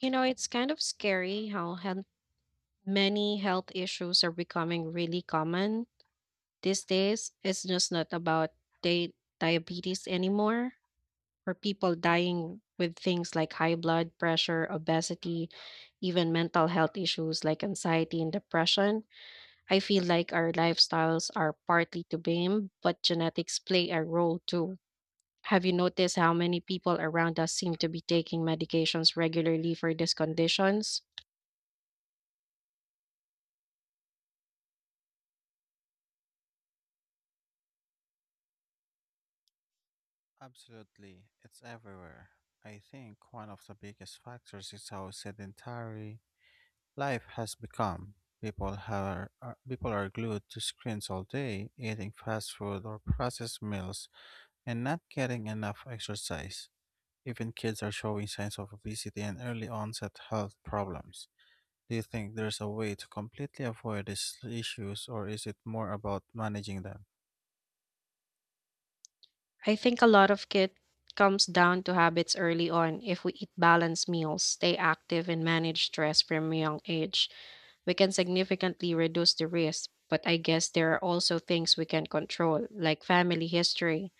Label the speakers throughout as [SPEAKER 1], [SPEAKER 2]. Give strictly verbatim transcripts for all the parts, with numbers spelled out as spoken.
[SPEAKER 1] You know, it's kind of scary how health, many health issues are becoming really common these days. It's just not about di- diabetes anymore, or people dying with things like high blood pressure, obesity, even mental health issues like anxiety and depression. I feel like our lifestyles are partly to blame, but genetics play a role too. Have you noticed how many people around us seem to be taking medications regularly for these conditions?
[SPEAKER 2] Absolutely, it's everywhere. I think one of the biggest factors is how sedentary life has become. People are, are people are glued to screens all day, eating fast food or processed meals, and not getting enough exercise. Even kids are showing signs of obesity and early onset health problems. Do you think there's a way to completely avoid these issues, or is it more about managing them?
[SPEAKER 1] I think a lot of it comes down to habits early on. If we eat balanced meals, stay active, and manage stress from a young age, we can significantly reduce the risk. But I guess there are also things we can control, like family history.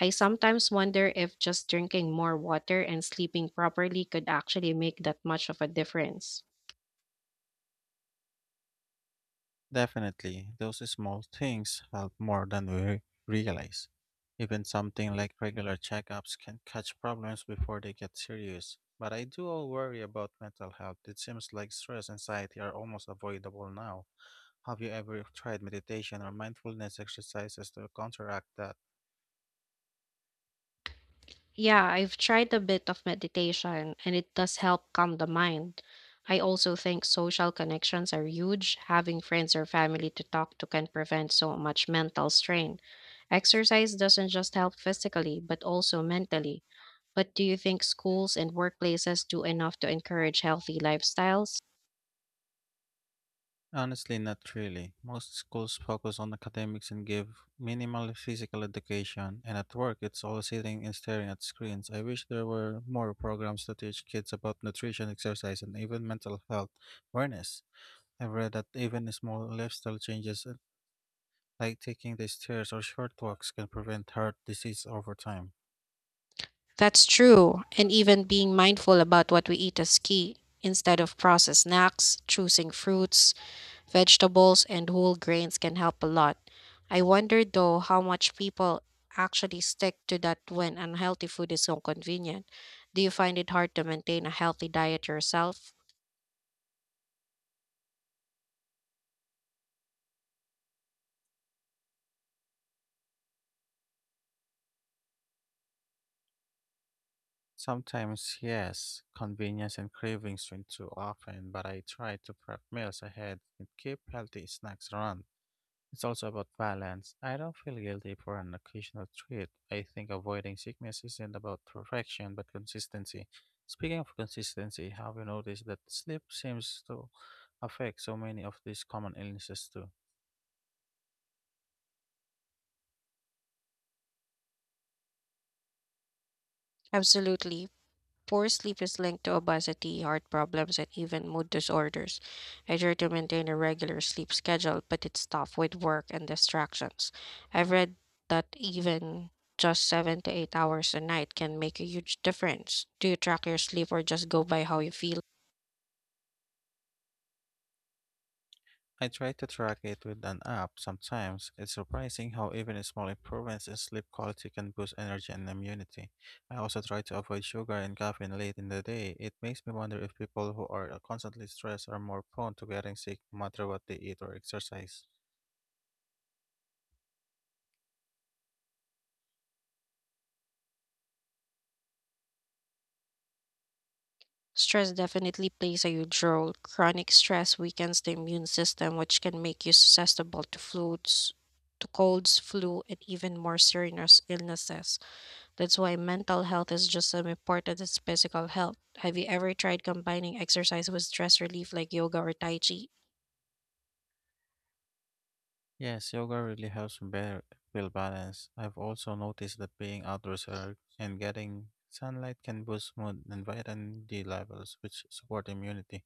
[SPEAKER 1] I sometimes wonder if just drinking more water and sleeping properly could actually make that much of a difference.
[SPEAKER 2] Definitely, those small things help more than we realize. Even something like regular checkups can catch problems before they get serious. But I do all worry about mental health. It seems like stress and anxiety are almost avoidable now. Have you ever tried meditation or mindfulness exercises to counteract that?
[SPEAKER 1] Yeah, I've tried a bit of meditation and it does help calm the mind. I also think social connections are huge. Having friends or family to talk to can prevent so much mental strain. Exercise doesn't just help physically, but also mentally. But do you think schools and workplaces do enough to encourage healthy lifestyles?
[SPEAKER 2] Honestly, not really. Most schools focus on academics and give minimal physical education, and at work, it's all sitting and staring at screens. I wish there were more programs to teach kids about nutrition, exercise, and even mental health awareness. I've read that even small lifestyle changes, uh, like taking the stairs or short walks, can prevent heart disease over time.
[SPEAKER 1] That's true. And even being mindful about what we eat is key. Instead of processed snacks, choosing fruits, vegetables and whole grains can help a lot. I wonder though how much people actually stick to that when unhealthy food is so convenient. Do you find it hard to maintain a healthy diet yourself?
[SPEAKER 2] Sometimes, yes, convenience and cravings win too often, but I try to prep meals ahead and keep healthy snacks around. It's also about balance. I don't feel guilty for an occasional treat. I think avoiding sickness isn't about perfection, but consistency. Speaking of consistency, have you noticed that sleep seems to affect so many of these common illnesses too?
[SPEAKER 1] Absolutely. Poor sleep is linked to obesity, heart problems, and even mood disorders. I try to maintain a regular sleep schedule, but it's tough with work and distractions. I've read that even just seven to eight hours a night can make a huge difference. Do you track your sleep or just go by how you feel?
[SPEAKER 2] I try to track it with an app sometimes. It's surprising how even small improvements in sleep quality can boost energy and immunity. I also try to avoid sugar and caffeine late in the day. It makes me wonder if people who are constantly stressed are more prone to getting sick no matter what they eat or exercise.
[SPEAKER 1] Stress definitely plays a huge role. Chronic stress weakens the immune system, which can make you susceptible to flus, to colds, flu, and even more serious illnesses. That's why mental health is just as important as physical health. Have you ever tried combining exercise with stress relief like yoga or tai chi?
[SPEAKER 2] Yes, yoga really helps me better feel balanced. I've also noticed that being outdoors or- and getting sunlight can boost mood and vitamin D levels, which support immunity.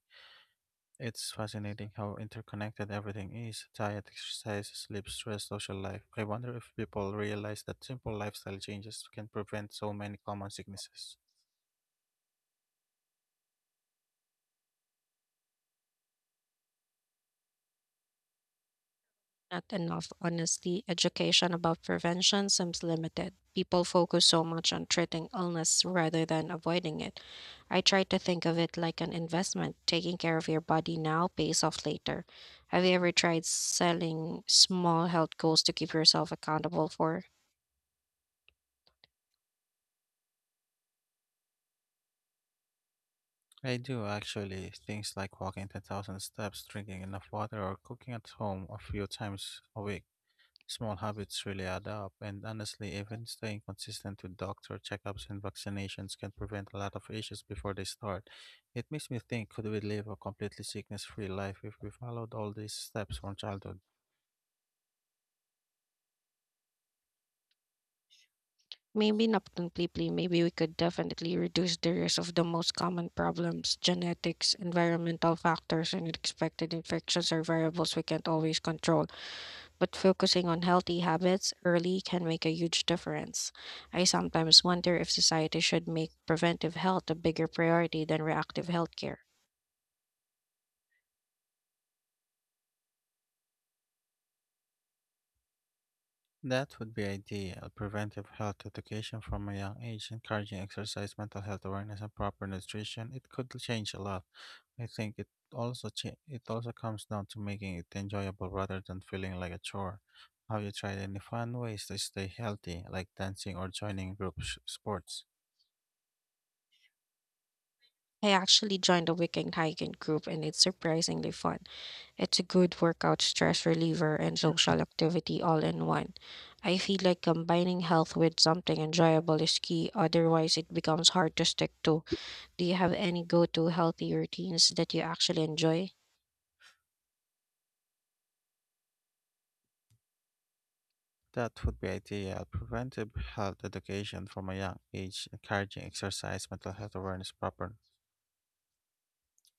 [SPEAKER 2] It's fascinating how interconnected everything is diet, exercise, sleep, stress, social life. I wonder if people realize that simple lifestyle changes can prevent so many common sicknesses.
[SPEAKER 1] Not enough, honestly. Education about prevention seems limited. People focus so much on treating illness rather than avoiding it. I try to think of it like an investment. Taking care of your body now pays off later. Have you ever tried selling small health goals to keep yourself accountable for?
[SPEAKER 2] I do actually. Things like walking ten thousand steps, drinking enough water, or cooking at home a few times a week. Small habits really add up, and honestly, even staying consistent with doctor checkups and vaccinations can prevent a lot of issues before they start. It makes me think could we live a completely sickness free life if we followed all these steps from childhood?
[SPEAKER 1] Maybe not completely. Maybe we could definitely reduce the risk of the most common problems, genetics, environmental factors, and unexpected infections are variables we can't always control. But focusing on healthy habits early can make a huge difference. I sometimes wonder if society should make preventive health a bigger priority than reactive healthcare.
[SPEAKER 2] That would be ideal. Preventive health education from a young age, encouraging exercise, mental health awareness, and proper nutrition, it could change a lot. I think it also cha- it also comes down to making it enjoyable rather than feeling like a chore. Have you tried any fun ways to stay healthy, like dancing or joining group sh- sports?
[SPEAKER 1] I actually joined a weekend hiking group and it's surprisingly fun. It's a good workout, stress reliever, and social activity all in one. I feel like combining health with something enjoyable is key, otherwise, it becomes hard to stick to. Do you have any go to healthy routines that you actually enjoy?
[SPEAKER 2] That would be ideal. Preventive health education from a young age, encouraging exercise, mental health awareness, proper.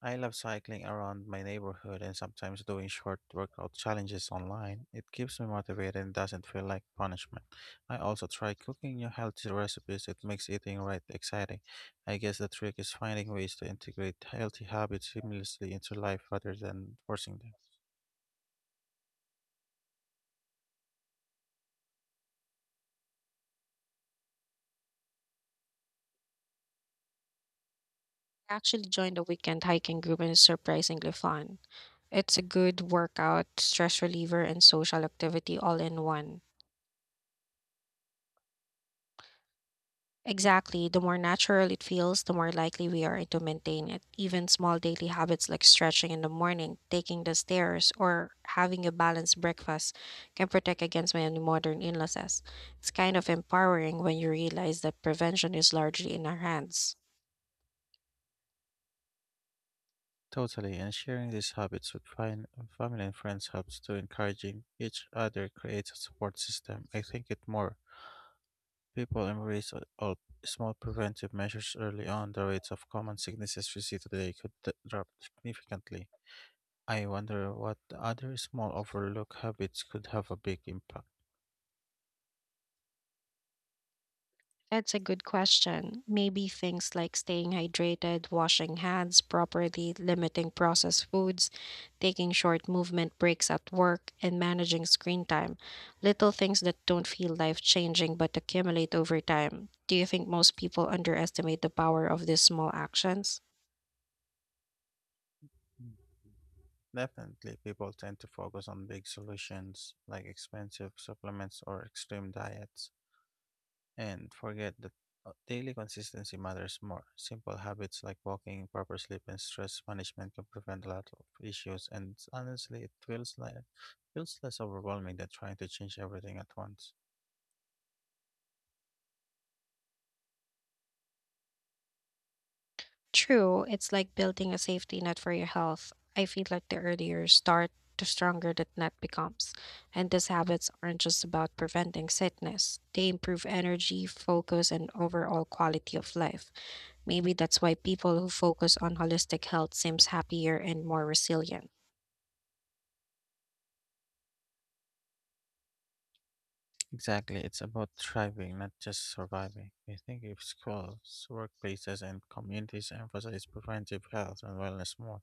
[SPEAKER 2] I love cycling around my neighborhood and sometimes doing short workout challenges online. It keeps me motivated and doesn't feel like punishment. I also try cooking new healthy recipes. It makes eating right exciting. I guess the trick is finding ways to integrate healthy habits seamlessly into life rather than forcing them.
[SPEAKER 1] I actually joined a weekend hiking group and it's surprisingly fun. It's a good workout, stress reliever, and social activity all in one. Exactly. The more natural it feels, the more likely we are to maintain it. Even small daily habits like stretching in the morning, taking the stairs, or having a balanced breakfast can protect against many modern illnesses. It's kind of empowering when you realize that prevention is largely in our hands.
[SPEAKER 2] Totally, and sharing these habits with fine, family and friends helps to encouraging each other creates a support system. I think it more people embrace a- all small preventive measures early on, the rates of common sicknesses we see today could d- drop significantly. I wonder what other small overlooked habits could have a big impact.
[SPEAKER 1] That's a good question. Maybe things like staying hydrated, washing hands properly, limiting processed foods, taking short movement breaks at work, and managing screen time. Little things that don't feel life changing but accumulate over time. Do you think most people underestimate the power of these small actions?
[SPEAKER 2] Mm. Definitely, people tend to focus on big solutions like expensive supplements or extreme diets, and forget that uh, daily consistency matters more. Simple habits like walking, proper sleep, and stress management can prevent a lot of issues. And honestly, it feels like feels less overwhelming than trying to change everything at once.
[SPEAKER 1] True, it's like building a safety net for your health. I feel like the earlier you start, the stronger that net becomes. And these habits aren't just about preventing sickness, they improve energy, focus, and overall quality of life. Maybe that's why people who focus on holistic health seems happier and more resilient.
[SPEAKER 2] Exactly, it's about thriving, not just surviving. I think if schools, workplaces, and communities emphasize preventive health and wellness more,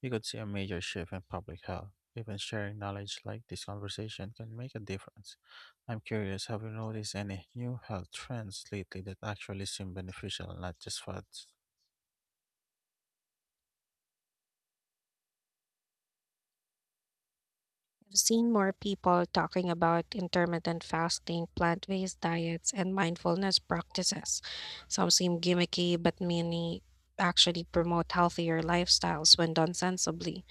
[SPEAKER 2] you could see a major shift in public health. Even sharing knowledge like this conversation can make a difference. I'm curious, have you noticed any new health trends lately that actually seem beneficial, not just fads?
[SPEAKER 1] I've seen more people talking about intermittent fasting, plant based diets, and mindfulness practices. Some seem gimmicky, but many actually promote healthier lifestyles when done sensibly.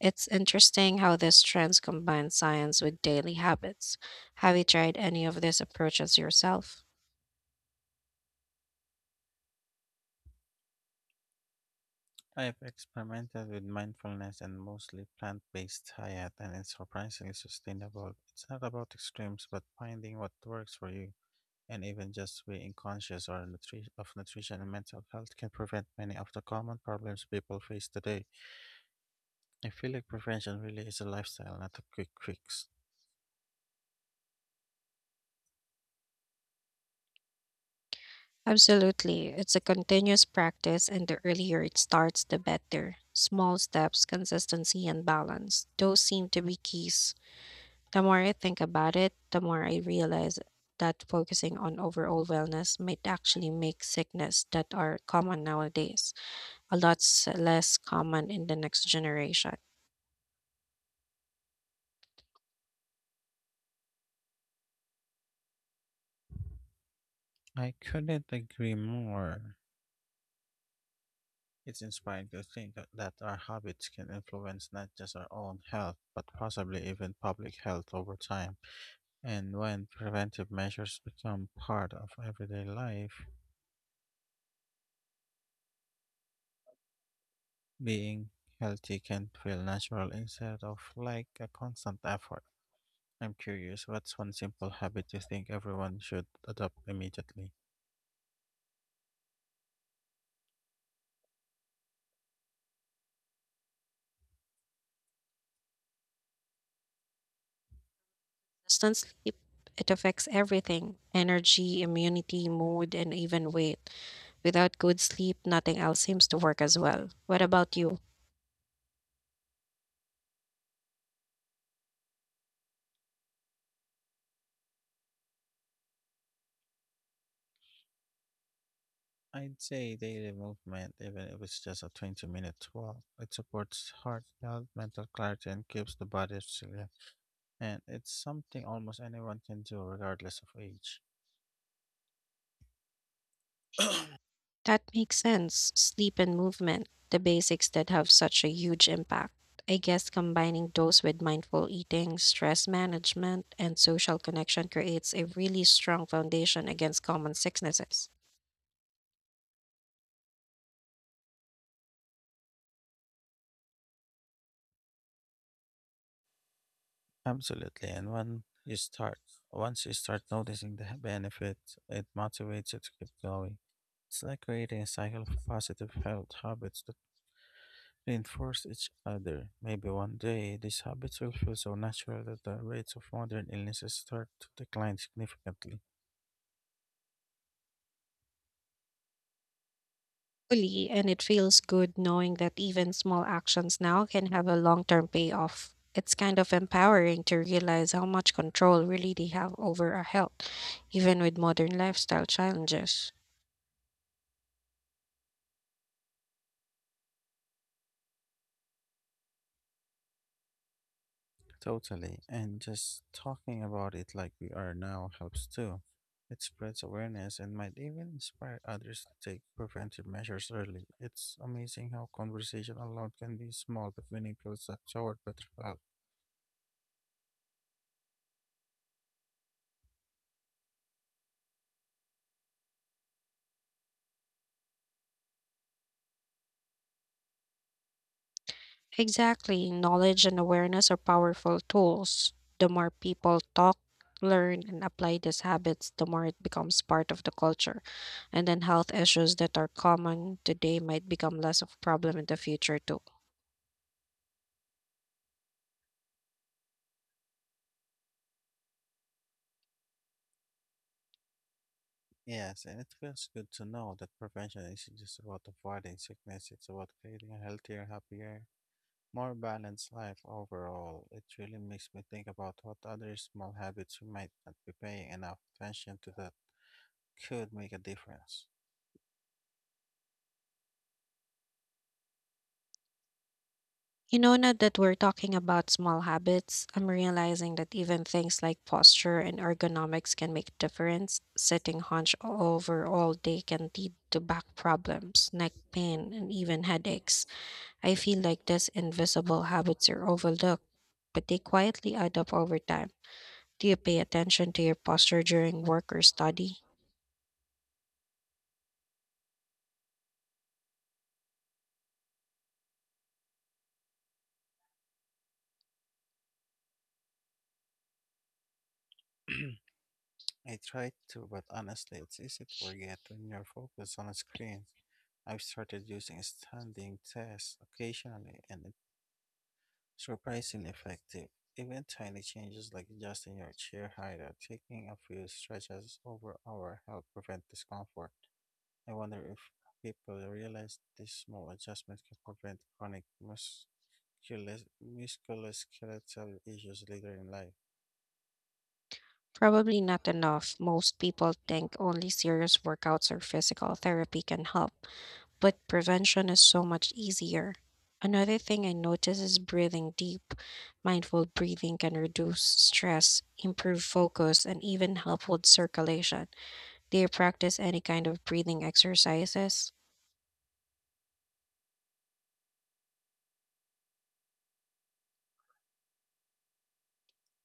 [SPEAKER 1] It's interesting how these trends combine science with daily habits. Have you tried any of these approaches yourself?
[SPEAKER 2] I've experimented with mindfulness and mostly plant based diet, and it's surprisingly sustainable. It's not about extremes, but finding what works for you. And even just being conscious or nutri- of nutrition and mental health can prevent many of the common problems people face today. I feel like prevention really is a lifestyle, not a quick fix.
[SPEAKER 1] Absolutely. It's a continuous practice, and the earlier it starts, the better. Small steps, consistency, and balance. Those seem to be keys. The more I think about it, the more I realize that focusing on overall wellness might actually make sickness that are common nowadays a lot s- less common in the next generation.
[SPEAKER 2] I couldn't agree more. It's inspiring to think that, that our habits can influence not just our own health, but possibly even public health over time. And when preventive measures become part of everyday life, being healthy can feel natural instead of like a constant effort. I'm curious, what's one simple habit you think everyone should adopt immediately?
[SPEAKER 1] Constant sleep, it affects everything, energy, immunity, mood, and even weight. Without good sleep, nothing else seems to work as well. What about you?
[SPEAKER 2] I'd say daily movement, even if it's just a twenty minute walk, it supports heart health, mental clarity, and keeps the body resilient. And it's something almost anyone can do, regardless of age.
[SPEAKER 1] That makes sense. Sleep and movement, the basics that have such a huge impact. I guess combining those with mindful eating, stress management, and social connection creates a really strong foundation against common sicknesses.
[SPEAKER 2] Absolutely. And when you start, Once you start noticing the benefits, it motivates you to keep going. It's like creating a cycle of positive health habits that reinforce each other. Maybe one day these habits will feel so natural that the rates of modern illnesses start to decline significantly.
[SPEAKER 1] Fully, and it feels good knowing that even small actions now can have a long term payoff. It's kind of empowering to realize how much control really they have over our health, even with modern lifestyle challenges.
[SPEAKER 2] Totally. And just talking about it like we are now helps too. It spreads awareness and might even inspire others to take preventive measures early. It's amazing how conversation alone can be small but meaningful steps toward better health.
[SPEAKER 1] Exactly. Knowledge and awareness are powerful tools. The more people talk, learn, and apply these habits, the more it becomes part of the culture. And then health issues that are common today might become less of a problem in the future, too.
[SPEAKER 2] Yes, and it feels good to know that prevention isn't just about avoiding sickness, it's about creating a healthier, happier, more balanced life overall. It really makes me think about what other small habits we might not be paying enough attention to that could make a difference.
[SPEAKER 1] You know, now that we're talking about small habits, I'm realizing that even things like posture and ergonomics can make difference. Sitting hunched over all day can lead to back problems, neck pain, and even headaches. I feel like these invisible habits are overlooked, but they quietly add up over time. Do you pay attention to your posture during work or study?
[SPEAKER 2] I tried to, but honestly, it's easy to forget when you're focused on a screen. I've started using standing tests occasionally, and it's surprisingly effective. Even tiny changes like adjusting your chair height or taking a few stretches over hour help prevent discomfort. I wonder if people realize these small adjustments can prevent chronic musculo- musculoskeletal issues later in life.
[SPEAKER 1] Probably not enough. Most people think only serious workouts or physical therapy can help, but prevention is so much easier. Another thing I notice is breathing deep. Mindful breathing can reduce stress, improve focus, and even help with circulation. Do you practice any kind of breathing exercises?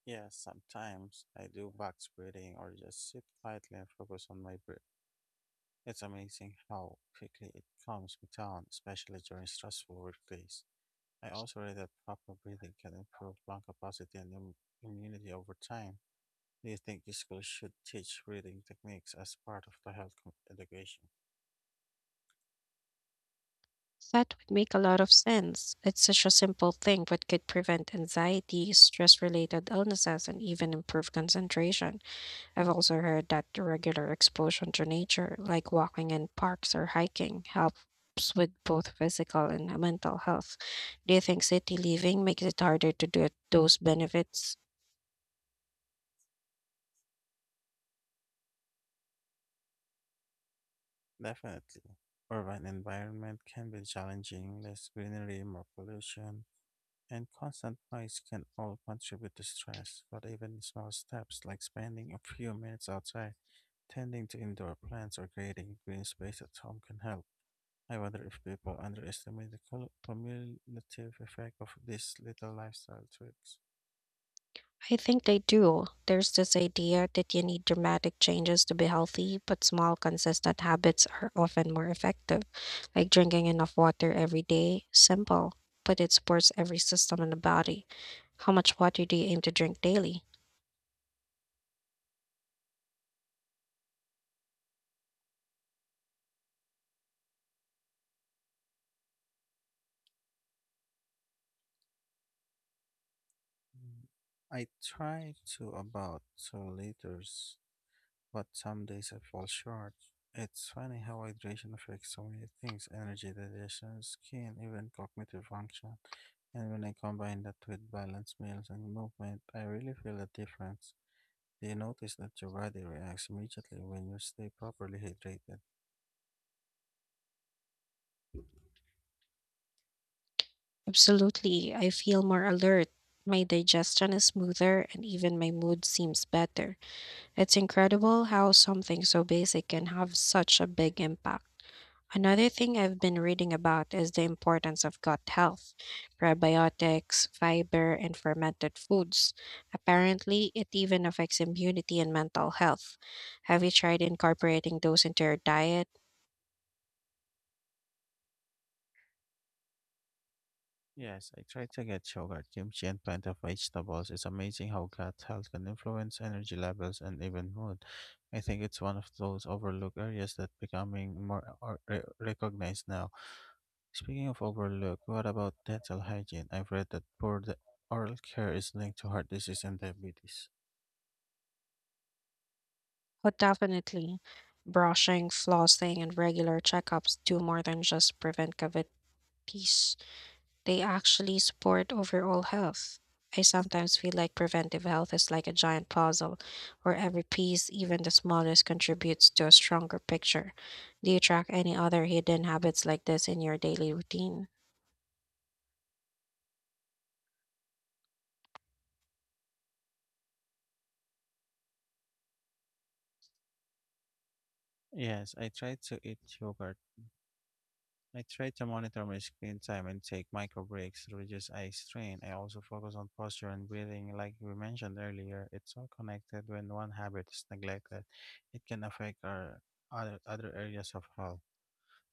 [SPEAKER 2] Yeah, sometimes I do box breathing or just sit quietly and focus on my breath. It's amazing how quickly it calms me down, especially during stressful work. I also read that proper breathing can improve lung capacity and im- immunity over time. Do you think schools should teach breathing techniques as part of the health com- education?
[SPEAKER 1] That would make a lot of sense. It's such a simple thing, but could prevent anxiety, stress related illnesses, and even improve concentration. I've also heard that the regular exposure to nature, like walking in parks or hiking, helps with both physical and mental health. Do you think city living makes it harder to do those benefits?
[SPEAKER 2] Definitely. Urban environment can be challenging, less greenery, more pollution, and constant noise can all contribute to stress, but even small steps like spending a few minutes outside, tending to indoor plants, or creating green space at home can help. I wonder if people underestimate the cul- cumulative effect of these little lifestyle tricks.
[SPEAKER 1] I think they do. There's this idea that you need dramatic changes to be healthy, but small, consistent habits are often more effective, like drinking enough water every day. Simple, but it supports every system in the body. How much water do you aim to drink daily?
[SPEAKER 2] Mm, I try to about two liters, but some days I fall short. It's funny how hydration affects so many things energy, digestion, skin, even cognitive function. And when I combine that with balanced meals and movement, I really feel a difference. Do you notice that your body reacts immediately when you stay properly hydrated?
[SPEAKER 1] Absolutely. I feel more alert. My digestion is smoother and even my mood seems better. It's incredible how something so basic can have such a big impact. Another thing I've been reading about is the importance of gut health, probiotics, fiber, and fermented foods. Apparently, it even affects immunity and mental health. Have you tried incorporating those into your diet?
[SPEAKER 2] Yes, I try to get yogurt, kimchi, and plenty of vegetables. It's amazing how gut health can influence energy levels and even mood. I think it's one of those overlooked areas that becoming more or- re- recognized now. Speaking of overlook, what about dental hygiene? I've read that poor de- oral care is linked to heart disease and diabetes.
[SPEAKER 1] Oh, definitely. Brushing, flossing, and regular checkups do more than just prevent cavities. They actually support overall health. I sometimes feel like preventive health is like a giant puzzle where every piece, even the smallest, contributes to a stronger picture. Do you track any other hidden habits like this in your daily routine?
[SPEAKER 2] Yes, I try to eat yogurt. I try to monitor my screen time and take micro breaks to reduce eye strain. I also focus on posture and breathing, like we mentioned earlier. It's all connected. When one habit is neglected, it can affect our other, other areas of health.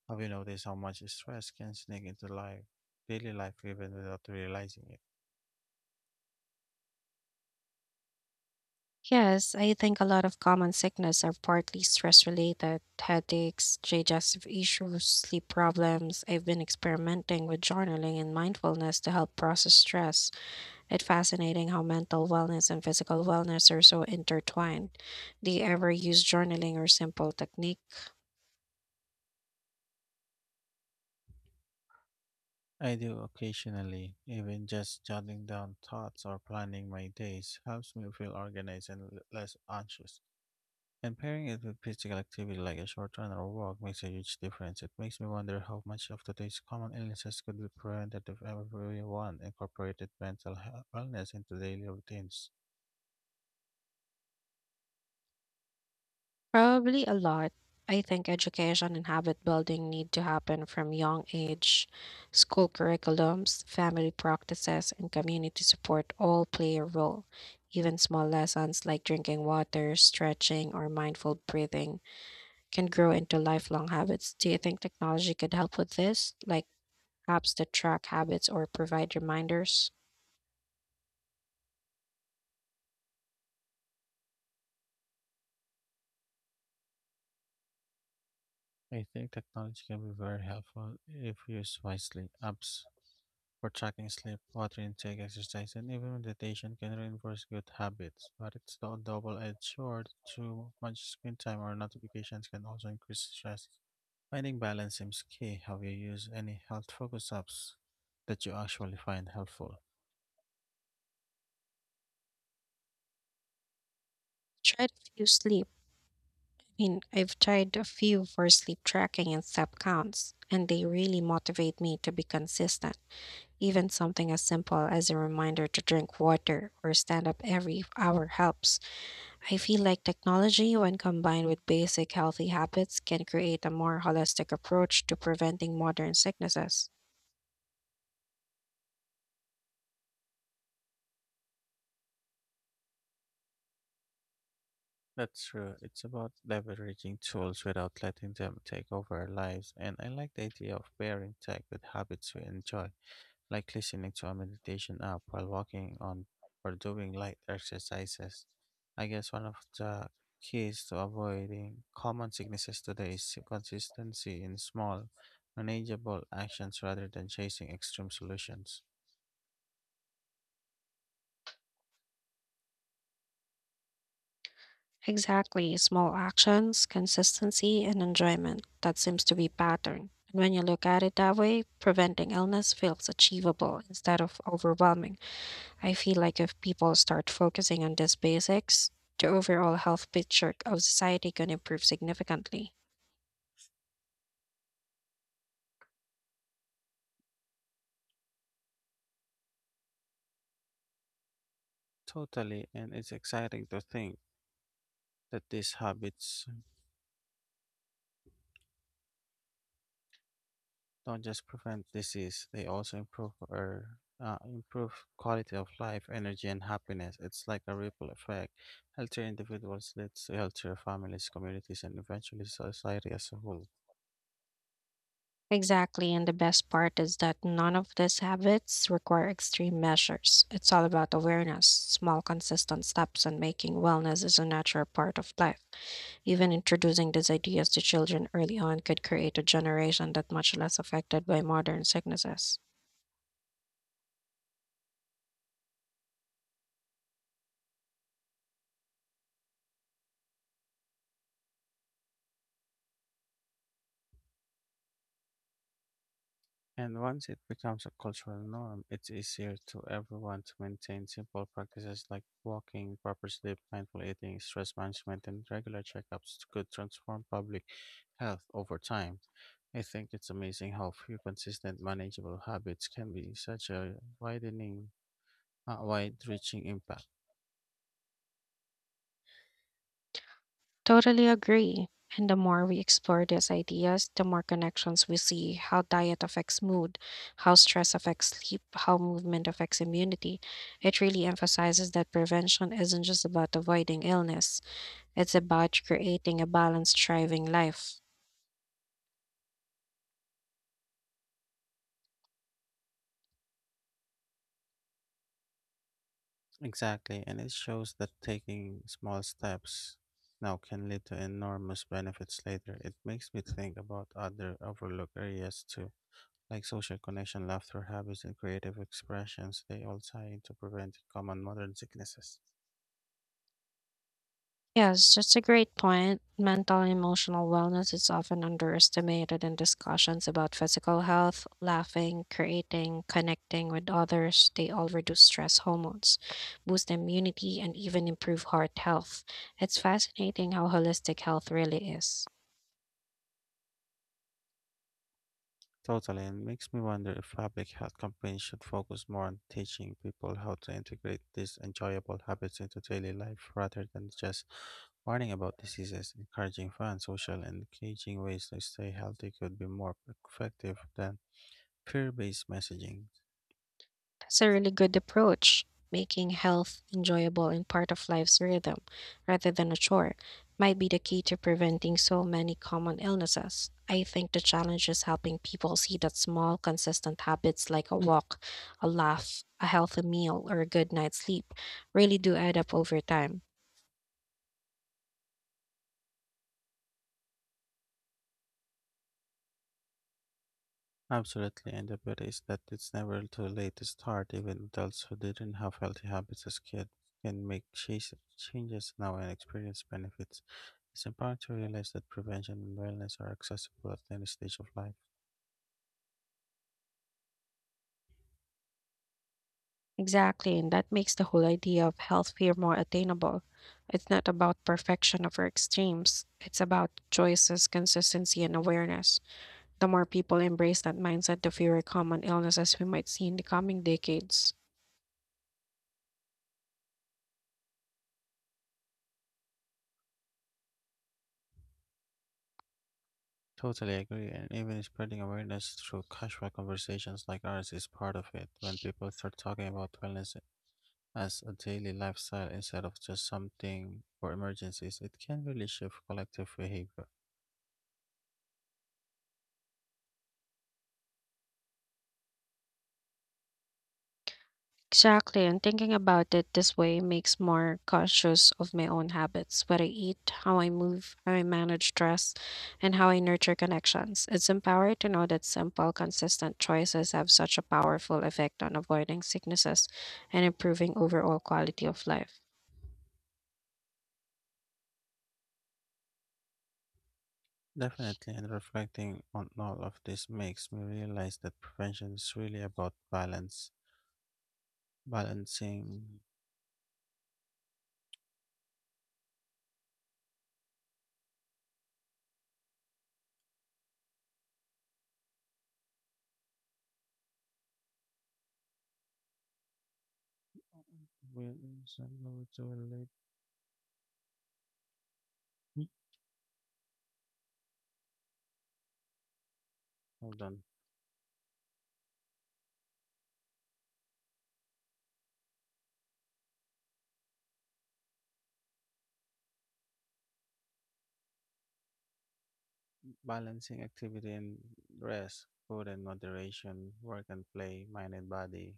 [SPEAKER 2] Have you noticed how much stress can sneak into life, daily life, even without realizing it?
[SPEAKER 1] Yes, I think a lot of common sickness are partly stress related, headaches, digestive issues, sleep problems. I've been experimenting with journaling and mindfulness to help process stress. It's fascinating how mental wellness and physical wellness are so intertwined. Do you ever use journaling or simple technique?
[SPEAKER 2] I do occasionally, even just jotting down thoughts or planning my days helps me feel organized and l- less anxious. And pairing it with physical activity like a short run or walk makes a huge difference. It makes me wonder how much of today's common illnesses could be prevented if everyone incorporated mental health wellness into daily routines.
[SPEAKER 1] Probably a lot. I think education and habit building need to happen from young age. School curriculums, family practices, and community support all play a role. Even small lessons like drinking water, stretching, or mindful breathing can grow into lifelong habits. Do you think technology could help with this, like apps that track habits or provide reminders?
[SPEAKER 2] I think technology can be very helpful if used wisely. Apps for tracking sleep, water intake, exercise, and even meditation can reinforce good habits. But it's a double-edged sword. Too much screen time or notifications can also increase stress. Finding balance seems key. Have you used any health focus apps that you actually find helpful?
[SPEAKER 1] Try to use sleep. Mean, I've tried a few for sleep tracking and step counts, and they really motivate me to be consistent. Even something as simple as a reminder to drink water or stand up every hour helps. I feel like technology, when combined with basic healthy habits, can create a more holistic approach to preventing modern sicknesses.
[SPEAKER 2] That's true. It's about leveraging tools without letting them take over our lives. And I like the idea of pairing tech with habits we enjoy, like listening to a meditation app while walking on or doing light exercises. I guess one of the keys to avoiding common sicknesses today is consistency in small, manageable actions rather than chasing extreme solutions.
[SPEAKER 1] Exactly, small actions, consistency, and enjoyment. That seems to be pattern. And when you look at it that way, preventing illness feels achievable instead of overwhelming. I feel like if people start focusing on these basics, the overall health picture of society can improve significantly.
[SPEAKER 2] Totally, and it's exciting to think that these habits don't just prevent disease, they also improve our uh, improve quality of life, energy, and happiness. It's like a ripple effect. Healthier individuals leads to healthier families, communities, and eventually society as a whole.
[SPEAKER 1] Exactly, and the best part is that none of these habits require extreme measures. It's all about awareness, small, consistent steps, and making wellness is a natural part of life. Even introducing these ideas to children early on could create a generation that much less affected by modern sicknesses.
[SPEAKER 2] And once it becomes a cultural norm, it's easier to everyone to maintain simple practices like walking, proper sleep, mindful eating, stress management, and regular checkups could transform public health over time. I think it's amazing how few consistent, manageable habits can be such a widening, uh, wide-reaching impact.
[SPEAKER 1] Totally agree. And the more we explore these ideas, the more connections we see, how diet affects mood, how stress affects sleep, how movement affects immunity. It really emphasizes that prevention isn't just about avoiding illness, it's about creating a balanced, thriving life.
[SPEAKER 2] Exactly, and it shows that taking small steps now can lead to enormous benefits later. It makes me think about other overlooked areas too, like social connection, laughter habits, and creative expressions. They all tie into preventing common modern sicknesses.
[SPEAKER 1] Yes, that's a great point. Mental and emotional wellness is often underestimated in discussions about physical health. Laughing, creating, connecting with others, they all reduce stress hormones, boost immunity, and even improve heart health. It's fascinating how holistic health really is.
[SPEAKER 2] Totally, and makes me wonder if public health campaigns should focus more on teaching people how to integrate these enjoyable habits into daily life rather than just warning about diseases. Encouraging fun, social, and engaging ways to stay healthy could be more effective than fear based messaging.
[SPEAKER 1] That's a really good approach, making health enjoyable and part of life's rhythm rather than a chore might be the key to preventing so many common illnesses. I think the challenge is helping people see that small, consistent habits like a walk, a laugh, a healthy meal, or a good night's sleep really do add up over time.
[SPEAKER 2] Absolutely, and the beauty is that it's never too late to start. Even adults who didn't have healthy habits as kids can make chas- changes now and experience benefits. It's empowering to realize that prevention and wellness are accessible at any stage of life.
[SPEAKER 1] Exactly, and that makes the whole idea of health fear more attainable. It's not about perfection or extremes, it's about choices, consistency, and awareness. The more people embrace that mindset, the fewer common illnesses we might see in the coming decades.
[SPEAKER 2] Totally agree, and even spreading awareness through casual conversations like ours is part of it. When people start talking about wellness as a daily lifestyle instead of just something for emergencies, it can really shift collective behavior.
[SPEAKER 1] Exactly, and thinking about it this way makes more conscious of my own habits, what I eat, how I move, how I manage stress, and how I nurture connections. It's empowering to know that simple, consistent choices have such a powerful effect on avoiding sicknesses and improving overall quality of life.
[SPEAKER 2] Definitely, and reflecting on all of this makes me realize that prevention is really about balance, balancing. Will- Hold on. Balancing activity and rest, food and moderation, work and play, mind and body.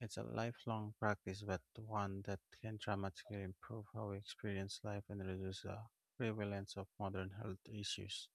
[SPEAKER 2] It's a lifelong practice, but one that can dramatically improve how we experience life and reduce the prevalence of modern health issues.